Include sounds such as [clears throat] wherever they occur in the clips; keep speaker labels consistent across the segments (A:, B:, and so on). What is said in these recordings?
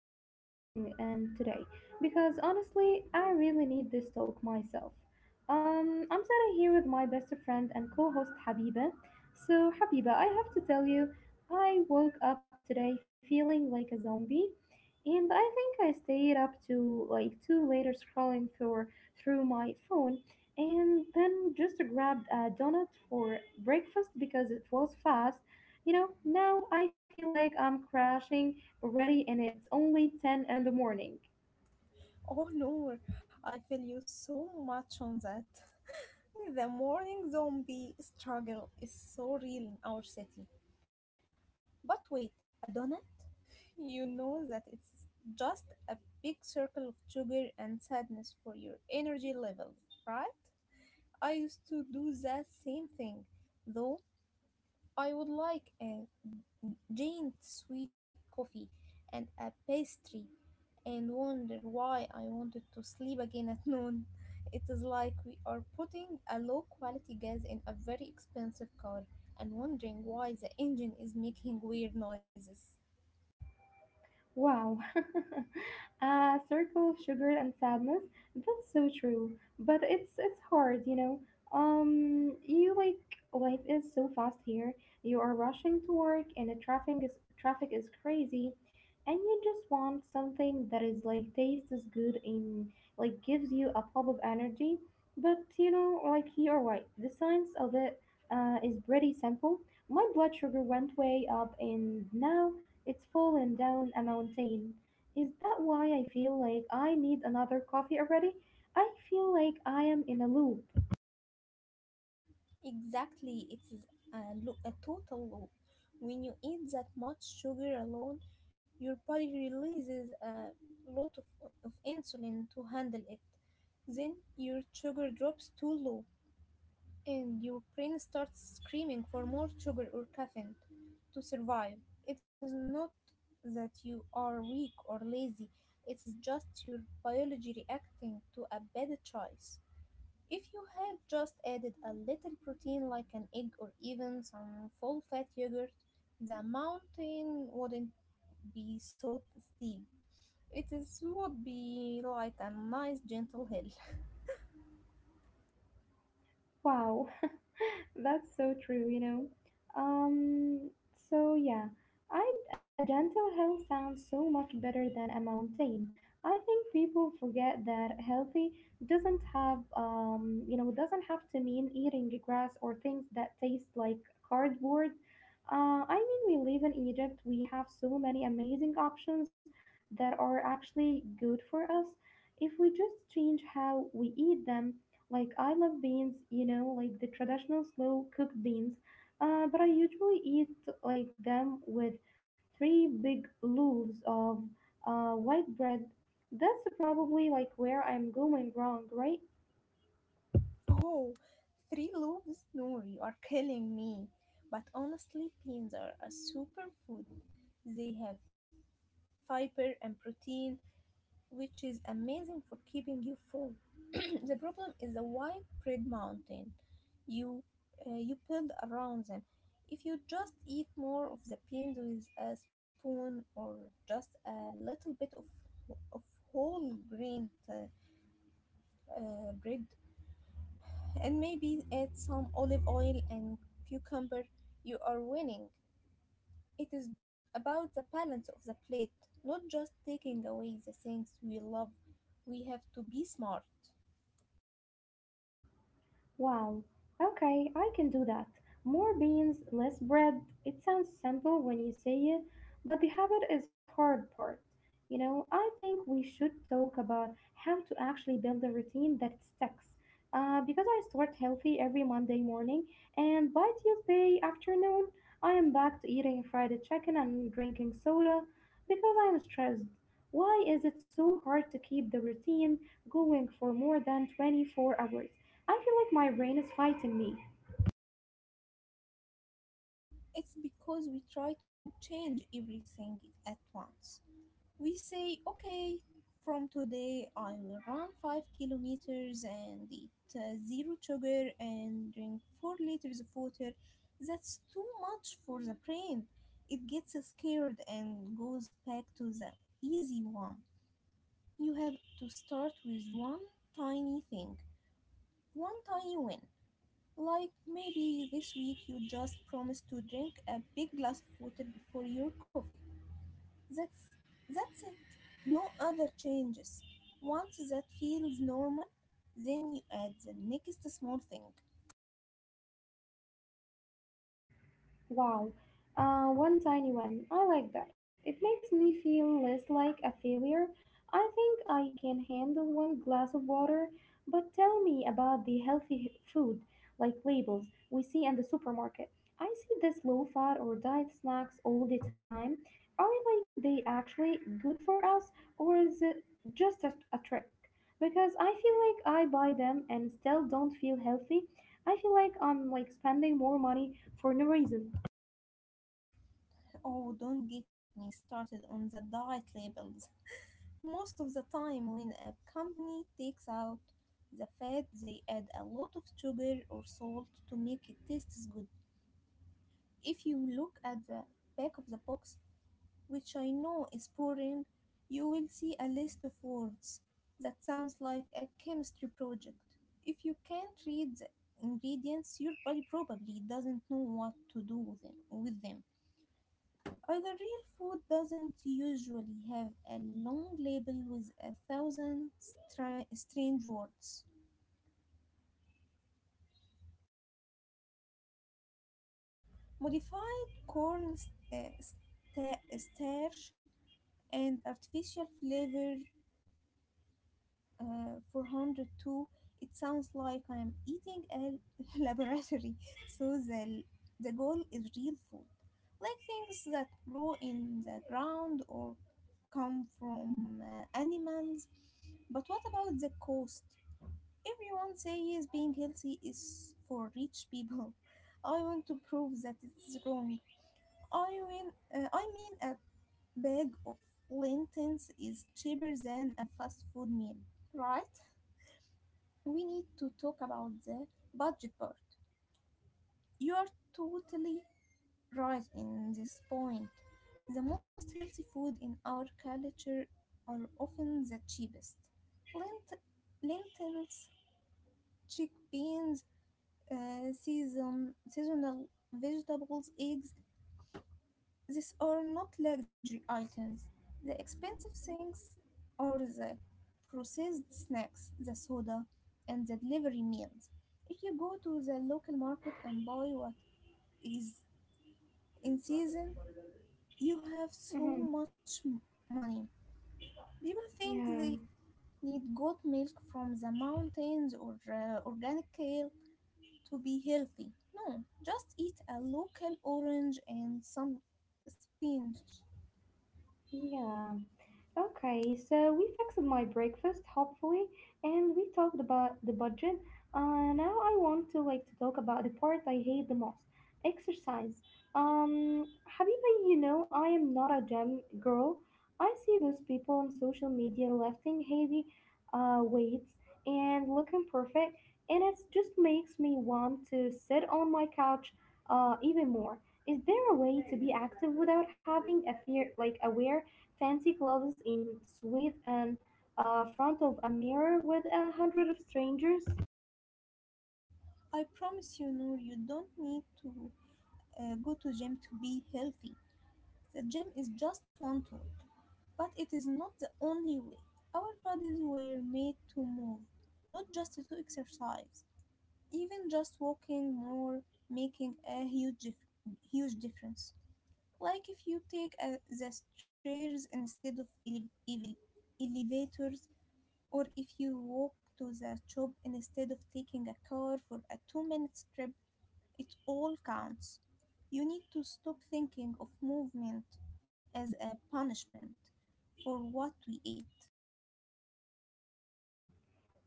A: you are tuning in today because honestly, I really need this talk myself. I'm sitting here with my best friend and co host Habiba. So, Habiba, I have to tell you, I woke up today feeling like a zombie, and I think I stayed up to like 2 later scrolling through my phone and then just grabbed a donut for breakfast because it was fast. Now I feel like I'm crashing already, and it's only 10 in the morning.
B: Oh no, I feel you so much on that. [laughs] The morning zombie struggle is so real in our city. But wait, a donut? You know that it's just a big circle of sugar and sadness for your energy levels, right? I used to do that same thing, though I would like a giant sweet coffee and a pastry and wonder why I wanted to sleep again at [laughs] noon. It is like we are putting a low quality gas in a very expensive car and wondering why the engine is making weird noises.
A: Wow, [laughs] a circle of sugar and sadness. That's so true, but it's hard, you know. You like life is so fast here. You are rushing to work, and the traffic is crazy, and you just want something that is like tastes as good and like gives you a pop of energy. But you know, like you are right. The science of it is pretty simple. My blood sugar went way up, and now it's fallen down a mountain. Is that why I feel like I need another coffee already? I feel like I am in a loop.
B: Exactly, it is a total loop. When you eat that much sugar alone, your body releases a lot of insulin to handle it. Then your sugar drops too low and your brain starts screaming for more sugar or caffeine to survive. It is not that you are weak or lazy, it's just your biology reacting to a bad choice. If you had just added a little protein like an egg or even some full fat yogurt, the mountain wouldn't be so steep. It is would be like a nice gentle hill. [laughs]
A: Wow. That's so true, you know. Um, so yeah, I a dental health sounds so much better than a mountain. I think people forget that healthy doesn't have to mean eating grass or things that taste like cardboard. I mean, we live in Egypt. We have so many amazing options that are actually good for us if we just change how we eat them, like I love beans, you know, like the traditional slow cooked beans, but I usually eat like them with three big loaves of white bread. That's probably like where I'm going wrong, right?
B: Oh, three loaves? No, you are killing me. But honestly, beans are a superfood. They have fiber and protein which is amazing for keeping you full. [clears throat] The problem is the widespread mountain you you build around them. If you just eat more of the beans with a spoon or just a little bit of whole grain bread and maybe add some olive oil and cucumber, you are winning. It is about the balance of the plate, not just taking away the things we love. We have to be smart.
A: Wow, okay, I can do that. More beans, less bread. It sounds simple when you say it, but the habit is hard part. You know, I think we should talk about how to actually build a routine that sticks. Because I start healthy every Monday morning, and by Tuesday afternoon, I am back to eating fried chicken and drinking soda because I'm stressed. Why is it so hard to keep the routine going for more than 24 hours? I feel like my brain is fighting me.
B: It's because we try to change everything at once. We say, okay, from today I will run 5 kilometers and eat zero sugar and drink 4 liters of water. That's too much for the brain. It gets scared and goes back to the easy one. You have to start with one tiny thing, one tiny win. Like maybe this week you just promise to drink a big glass of water before your coffee. That's that's it. No other changes. Once that feels normal, then you add the next small thing.
A: Wow, one tiny one. I like that. It makes me feel less like a failure. I think I can handle one glass of water, but tell me about the food, like labels we see in the supermarket. I see this low fat or diet snacks all the time. Are like they actually good for us, or is it just a trick? Because I feel like I buy them and still don't feel healthy. I feel like I'm like spending more money for no reason.
B: Oh, don't get me started on the diet labels. Most of the time when a company takes out the fat, they add a lot of sugar or salt to make it taste as good. If you look at the back of the box, which I know is boring, you will see a list of words that sounds like a chemistry project. If you can't read the ingredients, your body probably doesn't know what to do with them. With them. Either real food doesn't usually have a long label with a thousand strange words. Modified corn starch and artificial flavor 402, it sounds like I am eating a [laughs] laboratory. So the goal is real food, like things that grow in the ground or come from animals. But what about the cost? Everyone says being healthy is for rich people. [laughs] I want to prove that it's wrong. I mean, I mean a bag of lentils is cheaper than a fast food meal, right? We need to talk about the budget part. You are totally right in this point. The most healthy food in our culture are often the cheapest. Lent- lentils, chickpeas, seasonal vegetables, eggs. These are not luxury items. The expensive things are the processed snacks, the soda, and the delivery meals. If you go to the local market and buy what is in season, you have so
A: Mm-hmm.
B: much money. People think
A: Yeah.
B: they need goat milk from the mountains or organic kale to be healthy. No, just eat a local orange and some spinach.
A: Yeah. Okay, so we fixed my breakfast, hopefully, and we talked about the budget. Now I want to like to talk about the part I hate the most, exercise. Habiba, you know I am not a gym girl. I see those people on social media lifting heavy weights and looking perfect, and it just makes me want to sit on my couch even more. Is there a way to be active without having a fear like aware fancy clothes in suite and front of a mirror with a hundred of strangers.
B: I promise you, Noor, you don't need to go to gym to be healthy. The gym is just one tool, but it is not the only way. Our bodies were made to move, not just to exercise. Even just walking more making a huge difference. Like if you take the stairs instead of elevators, or if you walk to the shop instead of taking a car for a 2 minute trip, it all counts. You need to stop thinking of movement as a punishment for what we eat.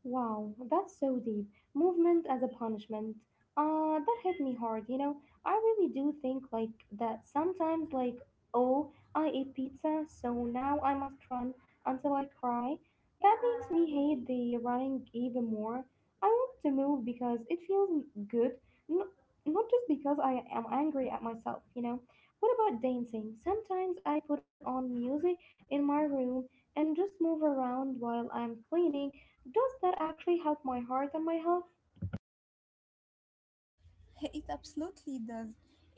A: Wow, that's so deep. Movement as a punishment. That hit me hard, you know. I really do think like that sometimes like, oh, I ate pizza, so now I must run until I cry. That makes me hate the running even more. I want to move because it feels good, not, not just because I am angry at myself, you know. What about dancing? Sometimes I put on music in my room and just move around while I'm cleaning, does that actually help my heart and my health?
B: [laughs] It absolutely does.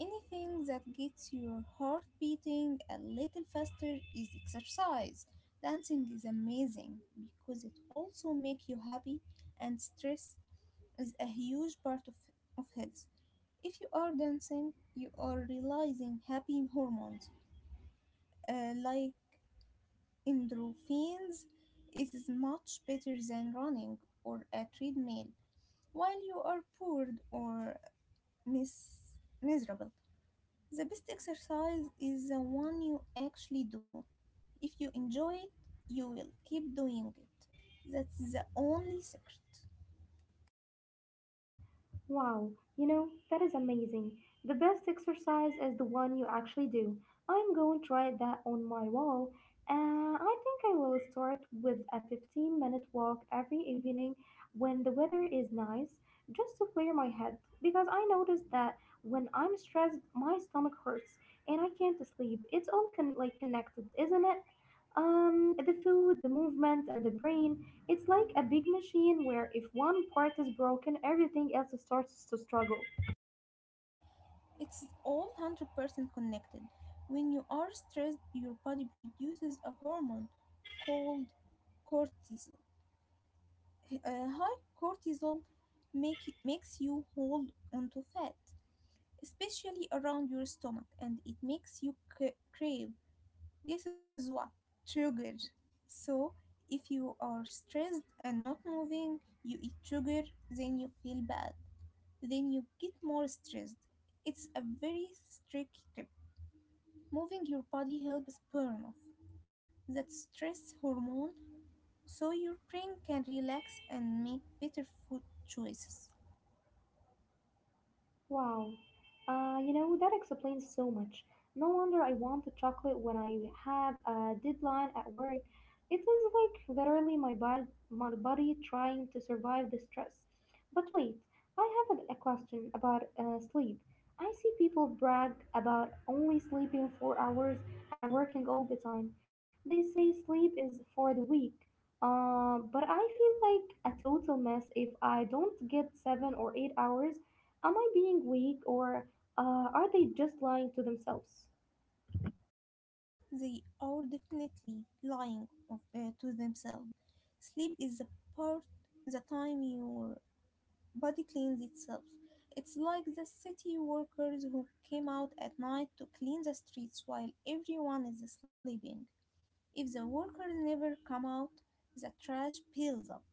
B: Anything that gets your heart beating a little faster is exercise. Dancing is amazing because it also makes you happy and stress is a huge part of health. If you are dancing, you are releasing happy hormones like endorphins. It is much better than running or a treadmill while you are bored or mis- miserable. The best exercise is the one you actually do. If you enjoy it, you will keep doing it. That's the only secret.
A: Wow, you know, that is amazing. The best exercise is the one you actually do. I'm going to write that on my wall. I think I will start with a 15-minute walk every evening when the weather is nice, just to clear my head, because I noticed that when I'm stressed, my stomach hurts and I can't sleep. It's all like connected, isn't it? The food, the movement, and the brain. It's like a big machine where if one part is broken, everything else starts to struggle.
B: It's all 100% connected. When you are stressed, your body produces a hormone called cortisol. High cortisol make, makes you hold onto fat, especially around your stomach, and it makes you crave. This is what? Sugar. So, if you are stressed and not moving, you eat sugar, then you feel bad, then you get more stressed. It's a very strict tip. Moving your body helps burn off that stress hormone so your brain can relax and make better food choices.
A: Wow. You know, that explains so much. No wonder I wanted chocolate when I have a deadline at work. It was like literally my body trying to survive the stress. But wait, I have a question about sleep. I see people brag about only sleeping 4 hours and working all the time. They say sleep is for the weak. But I feel like a total mess if I don't get 7 or 8 hours. Am I being weak or are they just lying to themselves?
B: They are definitely lying to themselves. Sleep is part, the time your body cleans itself. It's like the city workers who came out at night to clean the streets while everyone is sleeping. If the workers never come out, the trash builds up.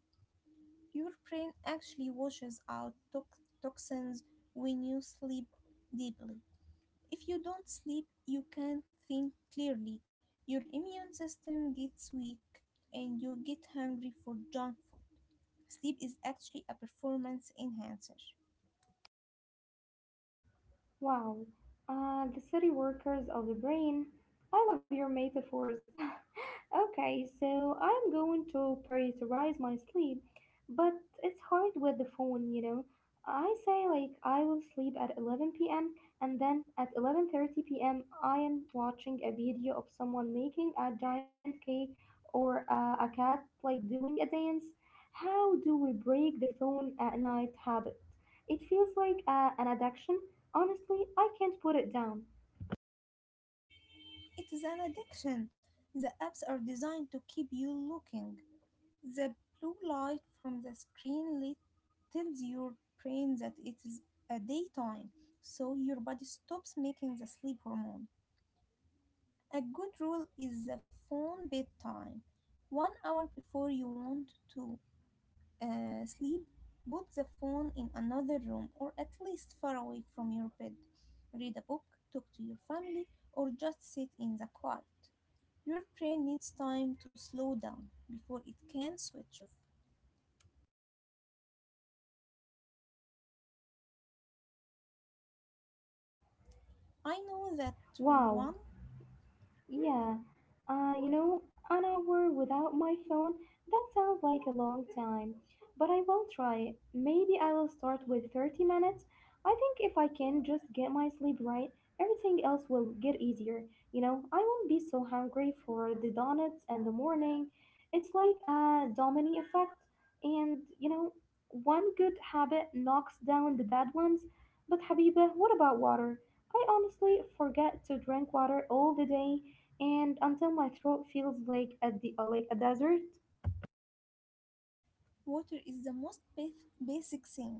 B: Your brain actually washes out toxins when you sleep deeply. If you don't sleep, you can't think clearly. Your immune system gets weak and you get hungry for junk food. Sleep is actually a performance enhancer.
A: Wow, the city workers of the brain. I love your metaphors. [laughs] Okay, so I'm going to prioritize my sleep, but it's hard with the phone, you know. I say like I will sleep at 11 p.m. and then at 11:30 p.m. I am watching a video of someone making a giant cake or a cat like doing a dance. How do we break the phone at night habit? It feels like an addiction. Honestly, I can't put it down.
B: It is an addiction. The apps are designed to keep you looking. The blue light from the screen lit tells your brain that it is a daytime, so your body stops making the sleep hormone. A good rule is the phone bedtime, 1 hour before you want to. Sleep, put the phone in another room or at least far away from your bed. Read a book, talk to your family, or just sit in the quiet. Your brain needs time to slow down before it can switch off. I know that
A: Wow.
B: one.
A: Yeah, you know, an hour without my phone, that sounds like a long time. But I will try. Maybe I will start with 30 minutes. I think if I can just get my sleep right, everything else will get easier. You know, I won't be so hungry for the donuts in the morning. It's like a domino effect. And, you know, one good habit knocks down the bad ones. But, Habiba, what about water? I honestly forget to drink water all the day and until my throat feels like at the like a desert.
B: Water is the most basic thing,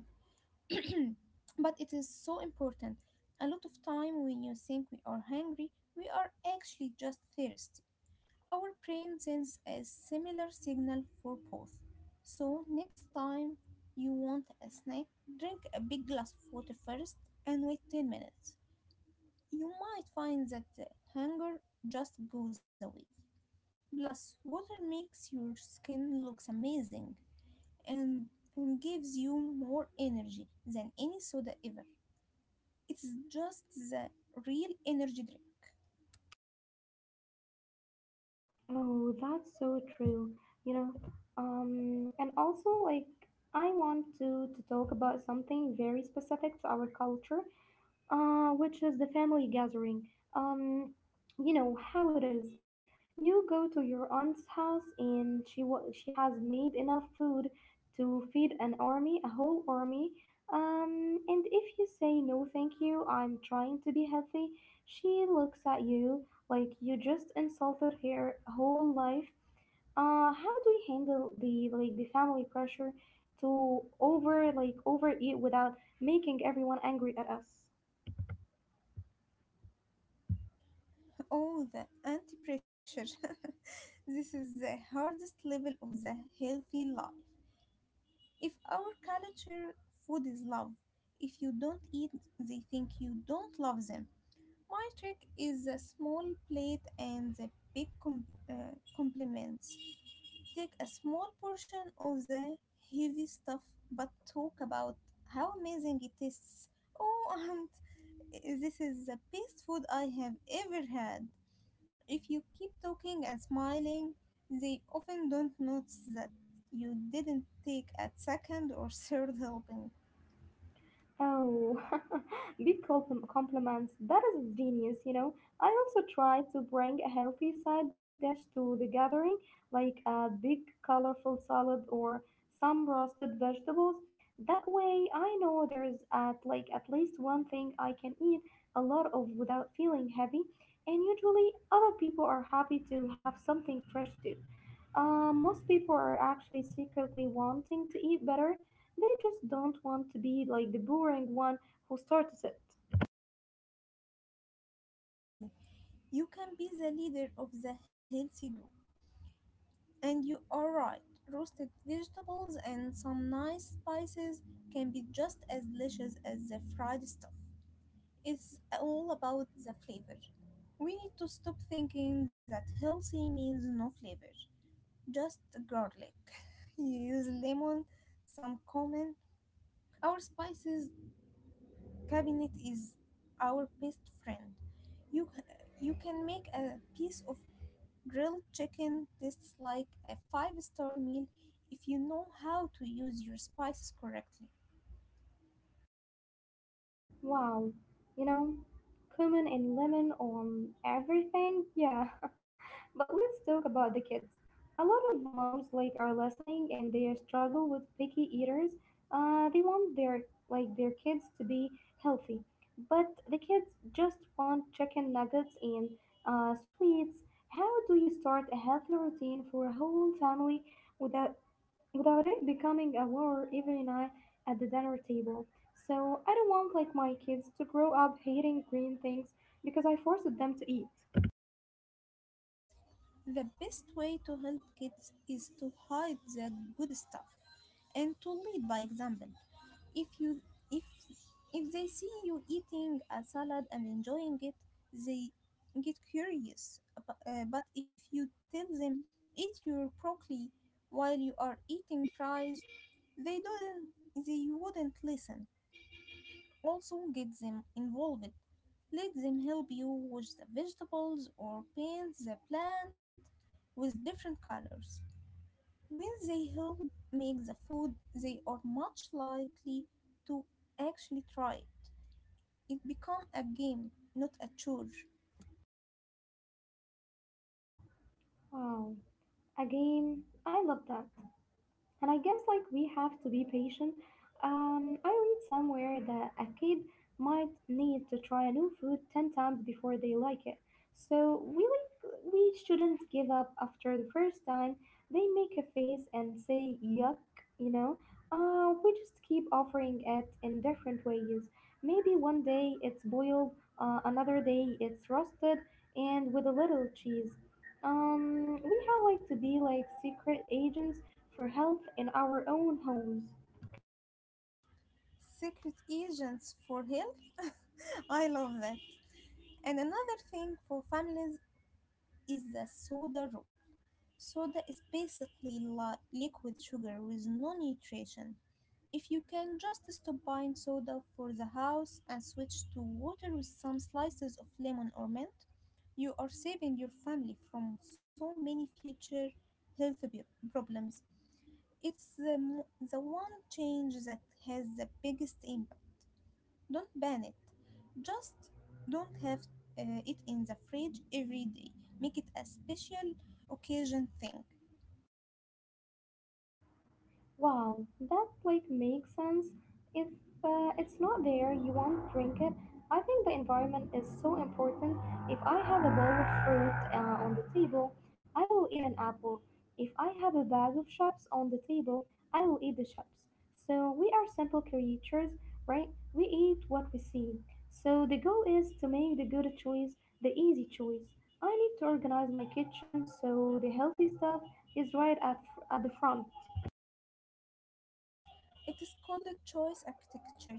B: [clears throat] but it is so important. A lot of time when you think we are hungry, we are actually just thirsty. Our brain sends a similar signal for both. So, next time you want a snack, drink a big glass of water first and wait 10 minutes. You might find that the hunger just goes away. Plus, water makes your skin looks amazing and, and gives you more energy than any soda ever. It's just the real energy drink.
A: Oh, that's so true. You know, and also like I want to talk about something very specific to our culture, which is the family gathering. Um, you know how it is. You go to your aunt's house, and she has made enough food to feed an army, a whole army. And if you say no, thank you, I'm trying to be healthy, she looks at you like you just insulted her whole life. How do you handle the like the family pressure to over like overeat without making everyone angry at us?
B: Oh, the anti-pressure. [laughs] This is the hardest level of the healthy life. If our culture food is love, if you don't eat, they think you don't love them. My trick is a small plate and the big compliments. Take a small portion of the heavy stuff, but talk about how amazing it tastes. Oh, [laughs] and this is the best food I have ever had. If you keep talking and smiling, they often don't notice that you didn't take a second or [laughs] third helping.
A: Oh, [laughs] compliments. That is genius, you know. I also try to bring a healthy side dish to the gathering, like a big colorful salad or some roasted vegetables. That way, I know there's at like at least one thing I can eat a lot of without feeling heavy, and usually other people are happy to have something fresh too. Most people are actually secretly wanting to eat better, they just don't want to be like the boring one who starts it.
B: Exactly. You can be the leader of the healthy group. And you are right. Roasted vegetables and some nice spices can be just as delicious as the fried stuff. It's all about the flavor. We need to stop thinking that healthy means no flavor, just garlic. [laughs] You use lemon, some cumin. Our spices cabinet is our best friend. You you can make a piece of grilled chicken taste like a five-star meal if you know how to use your spices correctly.
A: Wow, you know, cumin and lemon on everything? Yeah. [laughs] But let's talk about the kids. A lot of moms like are listening and they struggle with picky eaters. They want their kids to be healthy, but the kids just want chicken nuggets and sweets. How do you start a healthy routine for a whole family without it becoming a war every night at the dinner table? So I don't want like my kids to grow up hating green things because I forced them to eat.
B: The best way to help kids is to hide the good stuff and to lead by example. If you if if they see you eating a salad and enjoying it, they get curious. But if you tell them eat your broccoli while you are eating fries, they don't they wouldn't listen. Also, get them involved. Let them help you wash the vegetables or paint the plant with different colors. When they help make the food, they are much likely to actually try. It becomes a game, not a chore.
A: Wow, a game. I love that. And I guess like we have to be patient. I read somewhere that a kid might need to try a new food 10 times before they like it. So we like, we shouldn't give up after the first time they make a face and say yuck, you know. We just keep offering it in different ways. Maybe one day it's boiled, another day it's roasted and with a little cheese. We have like to be like secret agents for health in our own homes.
B: Secret agents for health? [laughs] I love that. And another thing for families is the soda roll. Soda is basically liquid sugar with no nutrition. If you can just stop buying soda for the house and switch to water with some slices of lemon or mint, you are saving your family from so many future health problems. It's the one change that has the biggest impact. Don't ban it. Just don't have it in the fridge every day. Make it a special occasion thing.
A: Wow, that like makes sense. If it's not there, you won't drink it. I think the environment is so important. If I have a bowl of fruit on the table, I will eat an apple. If I have a bag of chips on the table, I will eat the chips. So we are simple creatures, right? We eat what we see. So the goal is to make the good choice the easy choice. I need to organize my kitchen so the healthy stuff is right at the front.
B: It is called choice architecture.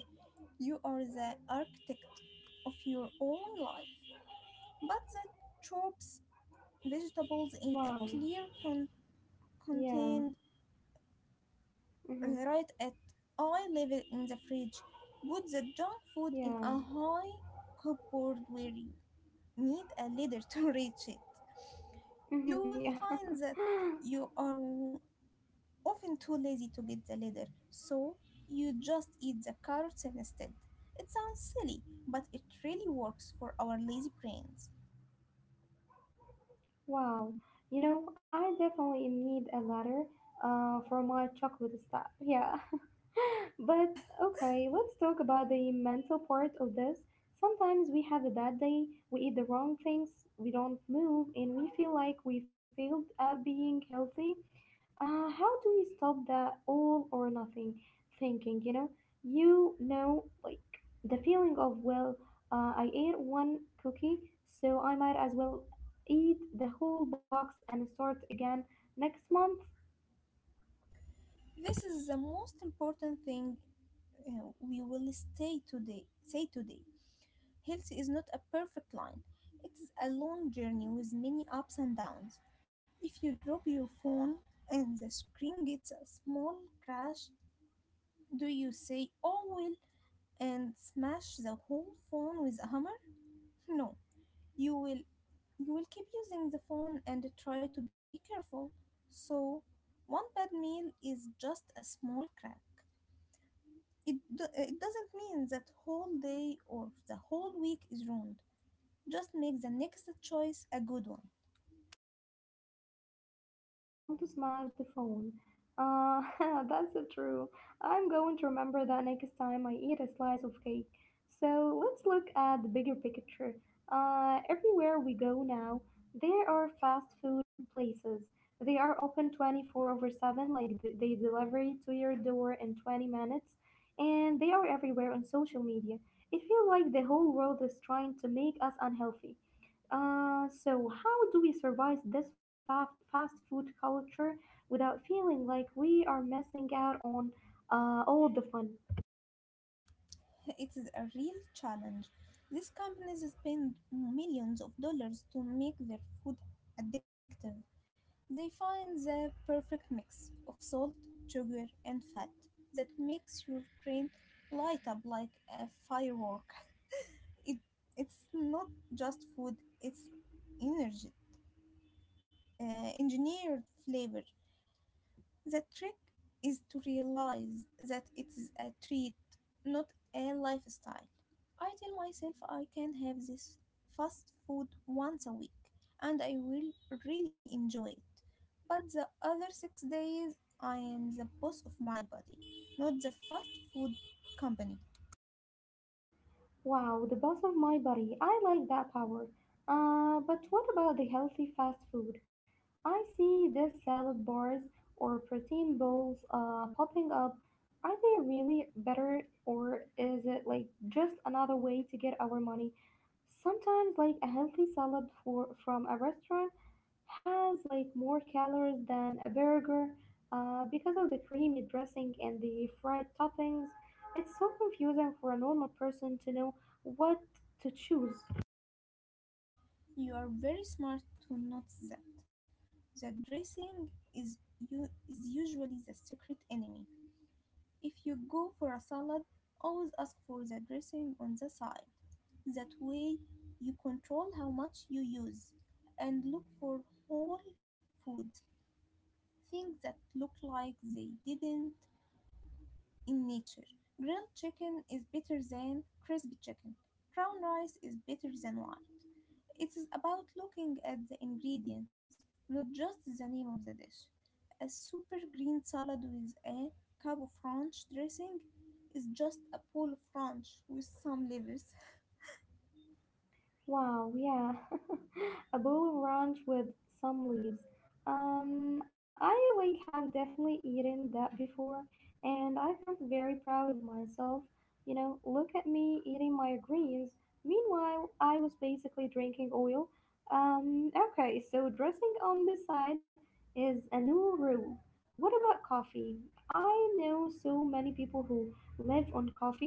B: You are the architect of your own life. But the chops vegetables in
A: Wow.
B: a clear
A: Yeah.
B: contained,
A: Mm-hmm.
B: right at eye level in the fridge. Put the junk food in
A: Yeah.
B: a high cupboard where you need a ladder [laughs] to reach it. You
A: Mm-hmm.
B: will
A: Yeah. [laughs]
B: find that you are often too lazy to get the ladder, so you just eat the carrots instead. It sounds silly, but it really works for our lazy brains.
A: Wow. You know, I definitely need a letter for my chocolate stack. Yeah. [laughs] But okay, let's talk about the mental part of this. Sometimes we have a bad day, we eat the wrong things, we don't move, and we feel like we failed at being healthy. How do we stop the all or nothing thinking, like the feeling of, well, I ate one cookie, so I might as well eat the whole box and start again next month.
B: This is the most important thing we will stay today, say today. Health is not a perfect line. It is a long journey with many ups and downs. If you drop your phone and the screen gets a small crash, do you say, "Oh well," and smash the whole phone with a hammer? No. You will you will keep using the phone and try to be careful. So, one bad meal is just a small crack. It doesn't mean that whole day or the whole week is ruined. Just make the next choice a good one.
A: Wow, don't smash the phone. Uh, [laughs] that's so true. I'm going to remember that next time I eat a slice of cake. So let's look at the bigger picture. Everywhere we go now, there are fast food places. They are open 24 over 7, like they deliver it to your door in 20 minutes, and they are everywhere on social media. It feels like the whole world is trying to make us unhealthy. So how do we survive this fast food culture without feeling like we are missing out on all the fun?
B: [laughs] It is a real challenge. These companies spend millions of dollars to make their food addictive. They find the perfect mix of salt, sugar, and fat that makes your brain light up like a firework. It, it's not just food, it's energy, engineered flavor. The trick is to realize that it is a treat, not a lifestyle. I tell myself I can have this fast food once a week and I will really enjoy it. But the other 6 days, I am the boss of my body, not the fast food company.
A: Wow, the boss of my body. I like that power. But what about the healthy fast food? I see these salad bars or protein bowls popping up. Are they really better, or is it like just another way to get our money? Sometimes, like a healthy salad from a restaurant has like more calories than a burger because of the creamy dressing and the fried toppings. It's so confusing for a normal person to know what to choose.
B: You are very smart to notice that. The dressing is usually the secret enemy. If you go for a salad, always ask for the dressing on the side. That way, you control how much you use, and look for whole foods, things that look like they didn't in nature. Grilled chicken is better than crispy chicken. Brown rice is better than white. It is about looking at the ingredients, not just the name of the dish. A super green salad with a cup of ranch dressing is just a bowl of ranch with some livers. [laughs]
A: Wow, yeah. [laughs] A bowl of ranch with some leaves. I like have definitely eaten that before and I felt very proud of myself. You know, look at me eating my greens. Meanwhile, I was basically drinking oil. Okay, so dressing on the side is a new rule. What about coffee? I know so many people who live on coffee.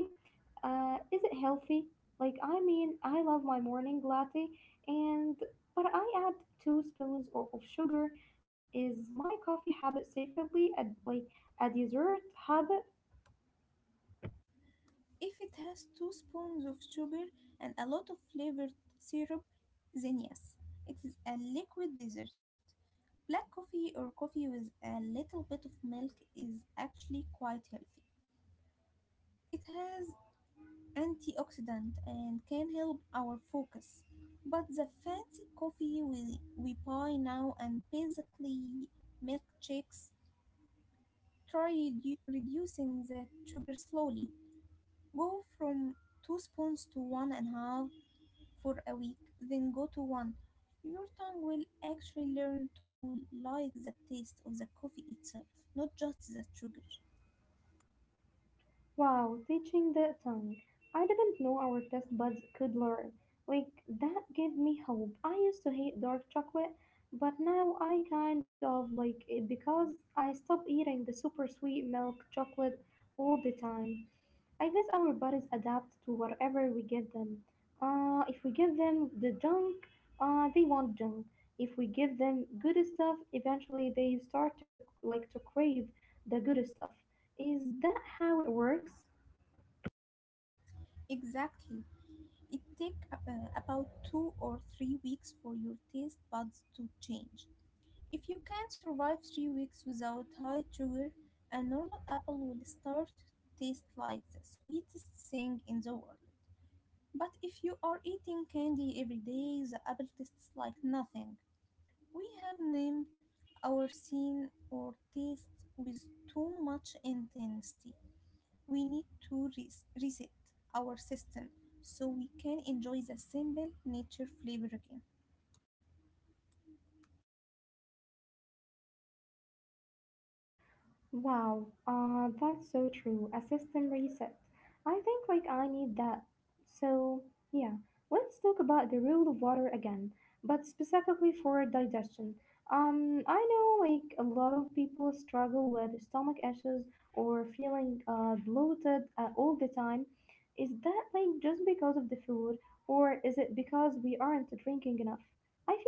A: Is it healthy? Like, I mean, I love my morning latte, and but I add two spoons of sugar. Is my coffee habit secretly a, like a dessert habit?
B: If it has two spoons of sugar and a lot of flavored syrup, then yes, it is a liquid dessert. Black coffee or coffee with a little bit of milk is actually quite healthy. It has antioxidant and can help our focus. But the fancy coffee we buy now and basically milkshakes, try reducing the sugar slowly. Go from two spoons to one and a half for a week, then go to one, your tongue will actually learn to like the taste of the coffee itself, not just the sugar.
A: Wow, teaching the tongue. I didn't know our taste buds could learn. Like, that gave me hope. I used to hate dark chocolate, but now I kind of like it because I stopped eating the super sweet milk chocolate all the time. I guess our bodies adapt to whatever we give them. If we give them the junk, they want junk. If we give them good stuff, eventually they start to like to crave the good stuff. Is that how it works?
B: Exactly. It takes about 2 or 3 weeks for your taste buds to change. If you can survive 3 weeks without high sugar, a normal apple will start to taste like the sweetest thing in the world. But if you are eating candy every day, the apple tastes like nothing. We have named our scene or taste with too much intensity. We need to reset our system so we can enjoy the simple nature flavor again.
A: Wow, that's so true. A system reset. I think like I need that. So, yeah, let's talk about the rule of water again, but specifically for digestion. I know like a lot of people struggle with stomach issues or feeling bloated all the time. Is that like just because of the food, or is it because we aren't drinking enough?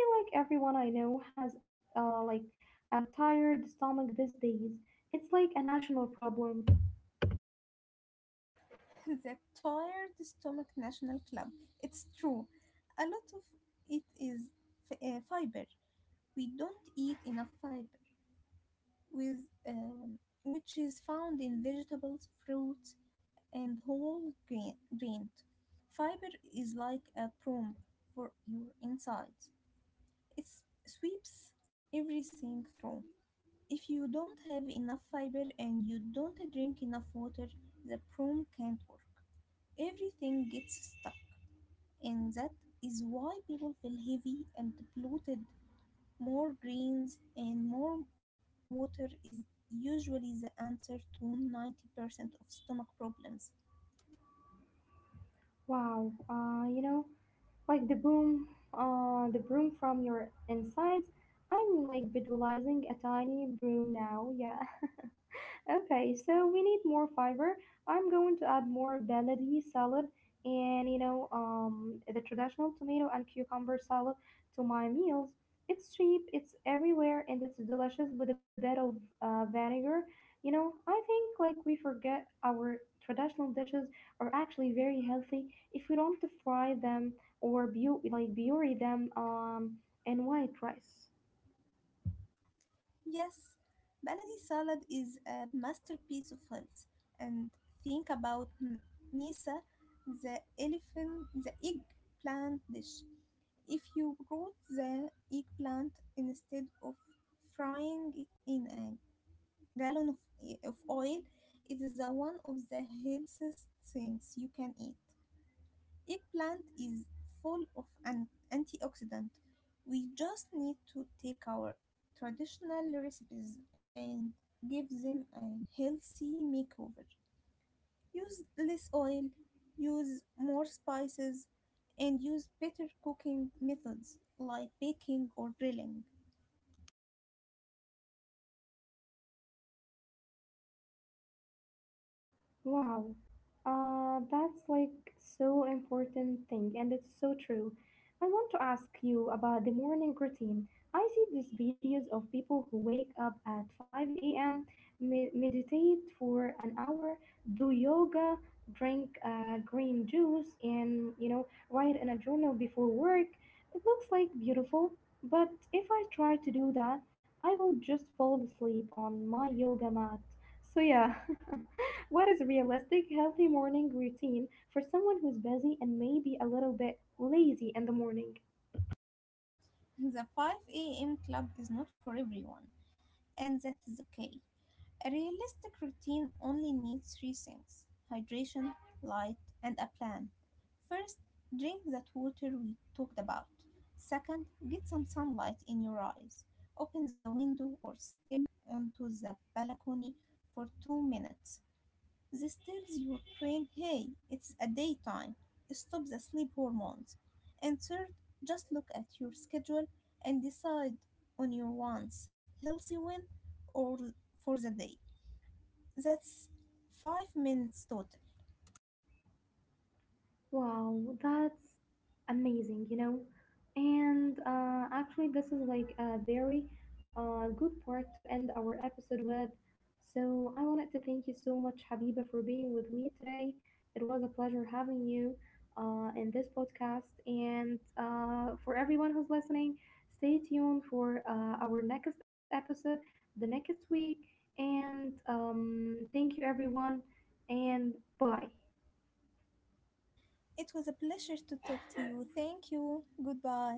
A: I feel like everyone I know has like a tired stomach these days. It's like a national problem.
B: [laughs] The Tired Stomach National Club. It's true. A lot of it is fiber. We don't eat enough fiber, with, which is found in vegetables, fruits, and whole grain. Fiber is like a broom for your insides. It sweeps everything through. If you don't have enough fiber and you don't drink enough water, the broom can't work. Everything gets stuck, and that is why people feel heavy and bloated. More greens and more water is usually the answer to 90% of stomach problems.
A: Wow, you know, like the the broom from your insides. I'm like visualizing a tiny broom now. Yeah. [laughs] Okay, so we need more fiber. I'm going to add more bellady salad and you know the traditional tomato and cucumber salad to my meals. It's cheap, it's everywhere, and it's delicious with a bit of vinegar. You know, I think like we forget our traditional dishes are actually very healthy if we don't fry them or like bury them in white rice.
B: Yes, baladi salad is a masterpiece of health. And think about misa, the elephant, the eggplant dish. If you roll the eggplant instead of frying it in a gallon of oil, it is the one of the healthiest things you can eat. Eggplant is full of an antioxidant. We just need to take our traditional recipes and give them a healthy makeover. Use less oil, use more spices, and use better cooking methods like baking or grilling. [laughs]
A: Wow, that's like so important thing, and it's so true. I want to ask you about the morning routine. I see these videos of people who wake up at 5 a.m., meditate for an hour, do yoga, drink green juice, and you know, write in a journal before work. It looks like beautiful, but if I try to do that, I will just fall asleep on my yoga mat. So yeah. [laughs] What is a realistic, healthy morning routine for someone who's busy and maybe a little bit lazy in the morning?
B: The 5 a.m. club is not for everyone, and that is okay. A realistic routine only needs three things: hydration, light, and a plan. First, drink that water we talked about. Second, get some sunlight in your eyes. Open the window or step onto the balcony for 2 minutes. This tells your brain, hey, it's a daytime, stop the sleep hormones. And third, just look at your schedule and decide on your wants, healthy win or for the day. That's 5 minutes total.
A: Wow, that's amazing, you know, and actually this is like a very good part to end our episode with. So I wanted to thank you so much, Habiba, for being with me today. It was a pleasure having you in this podcast, and for everyone who's listening, stay tuned for our next episode the next week, and thank you everyone, and bye.
B: It was a pleasure to talk to you. Thank you. Goodbye.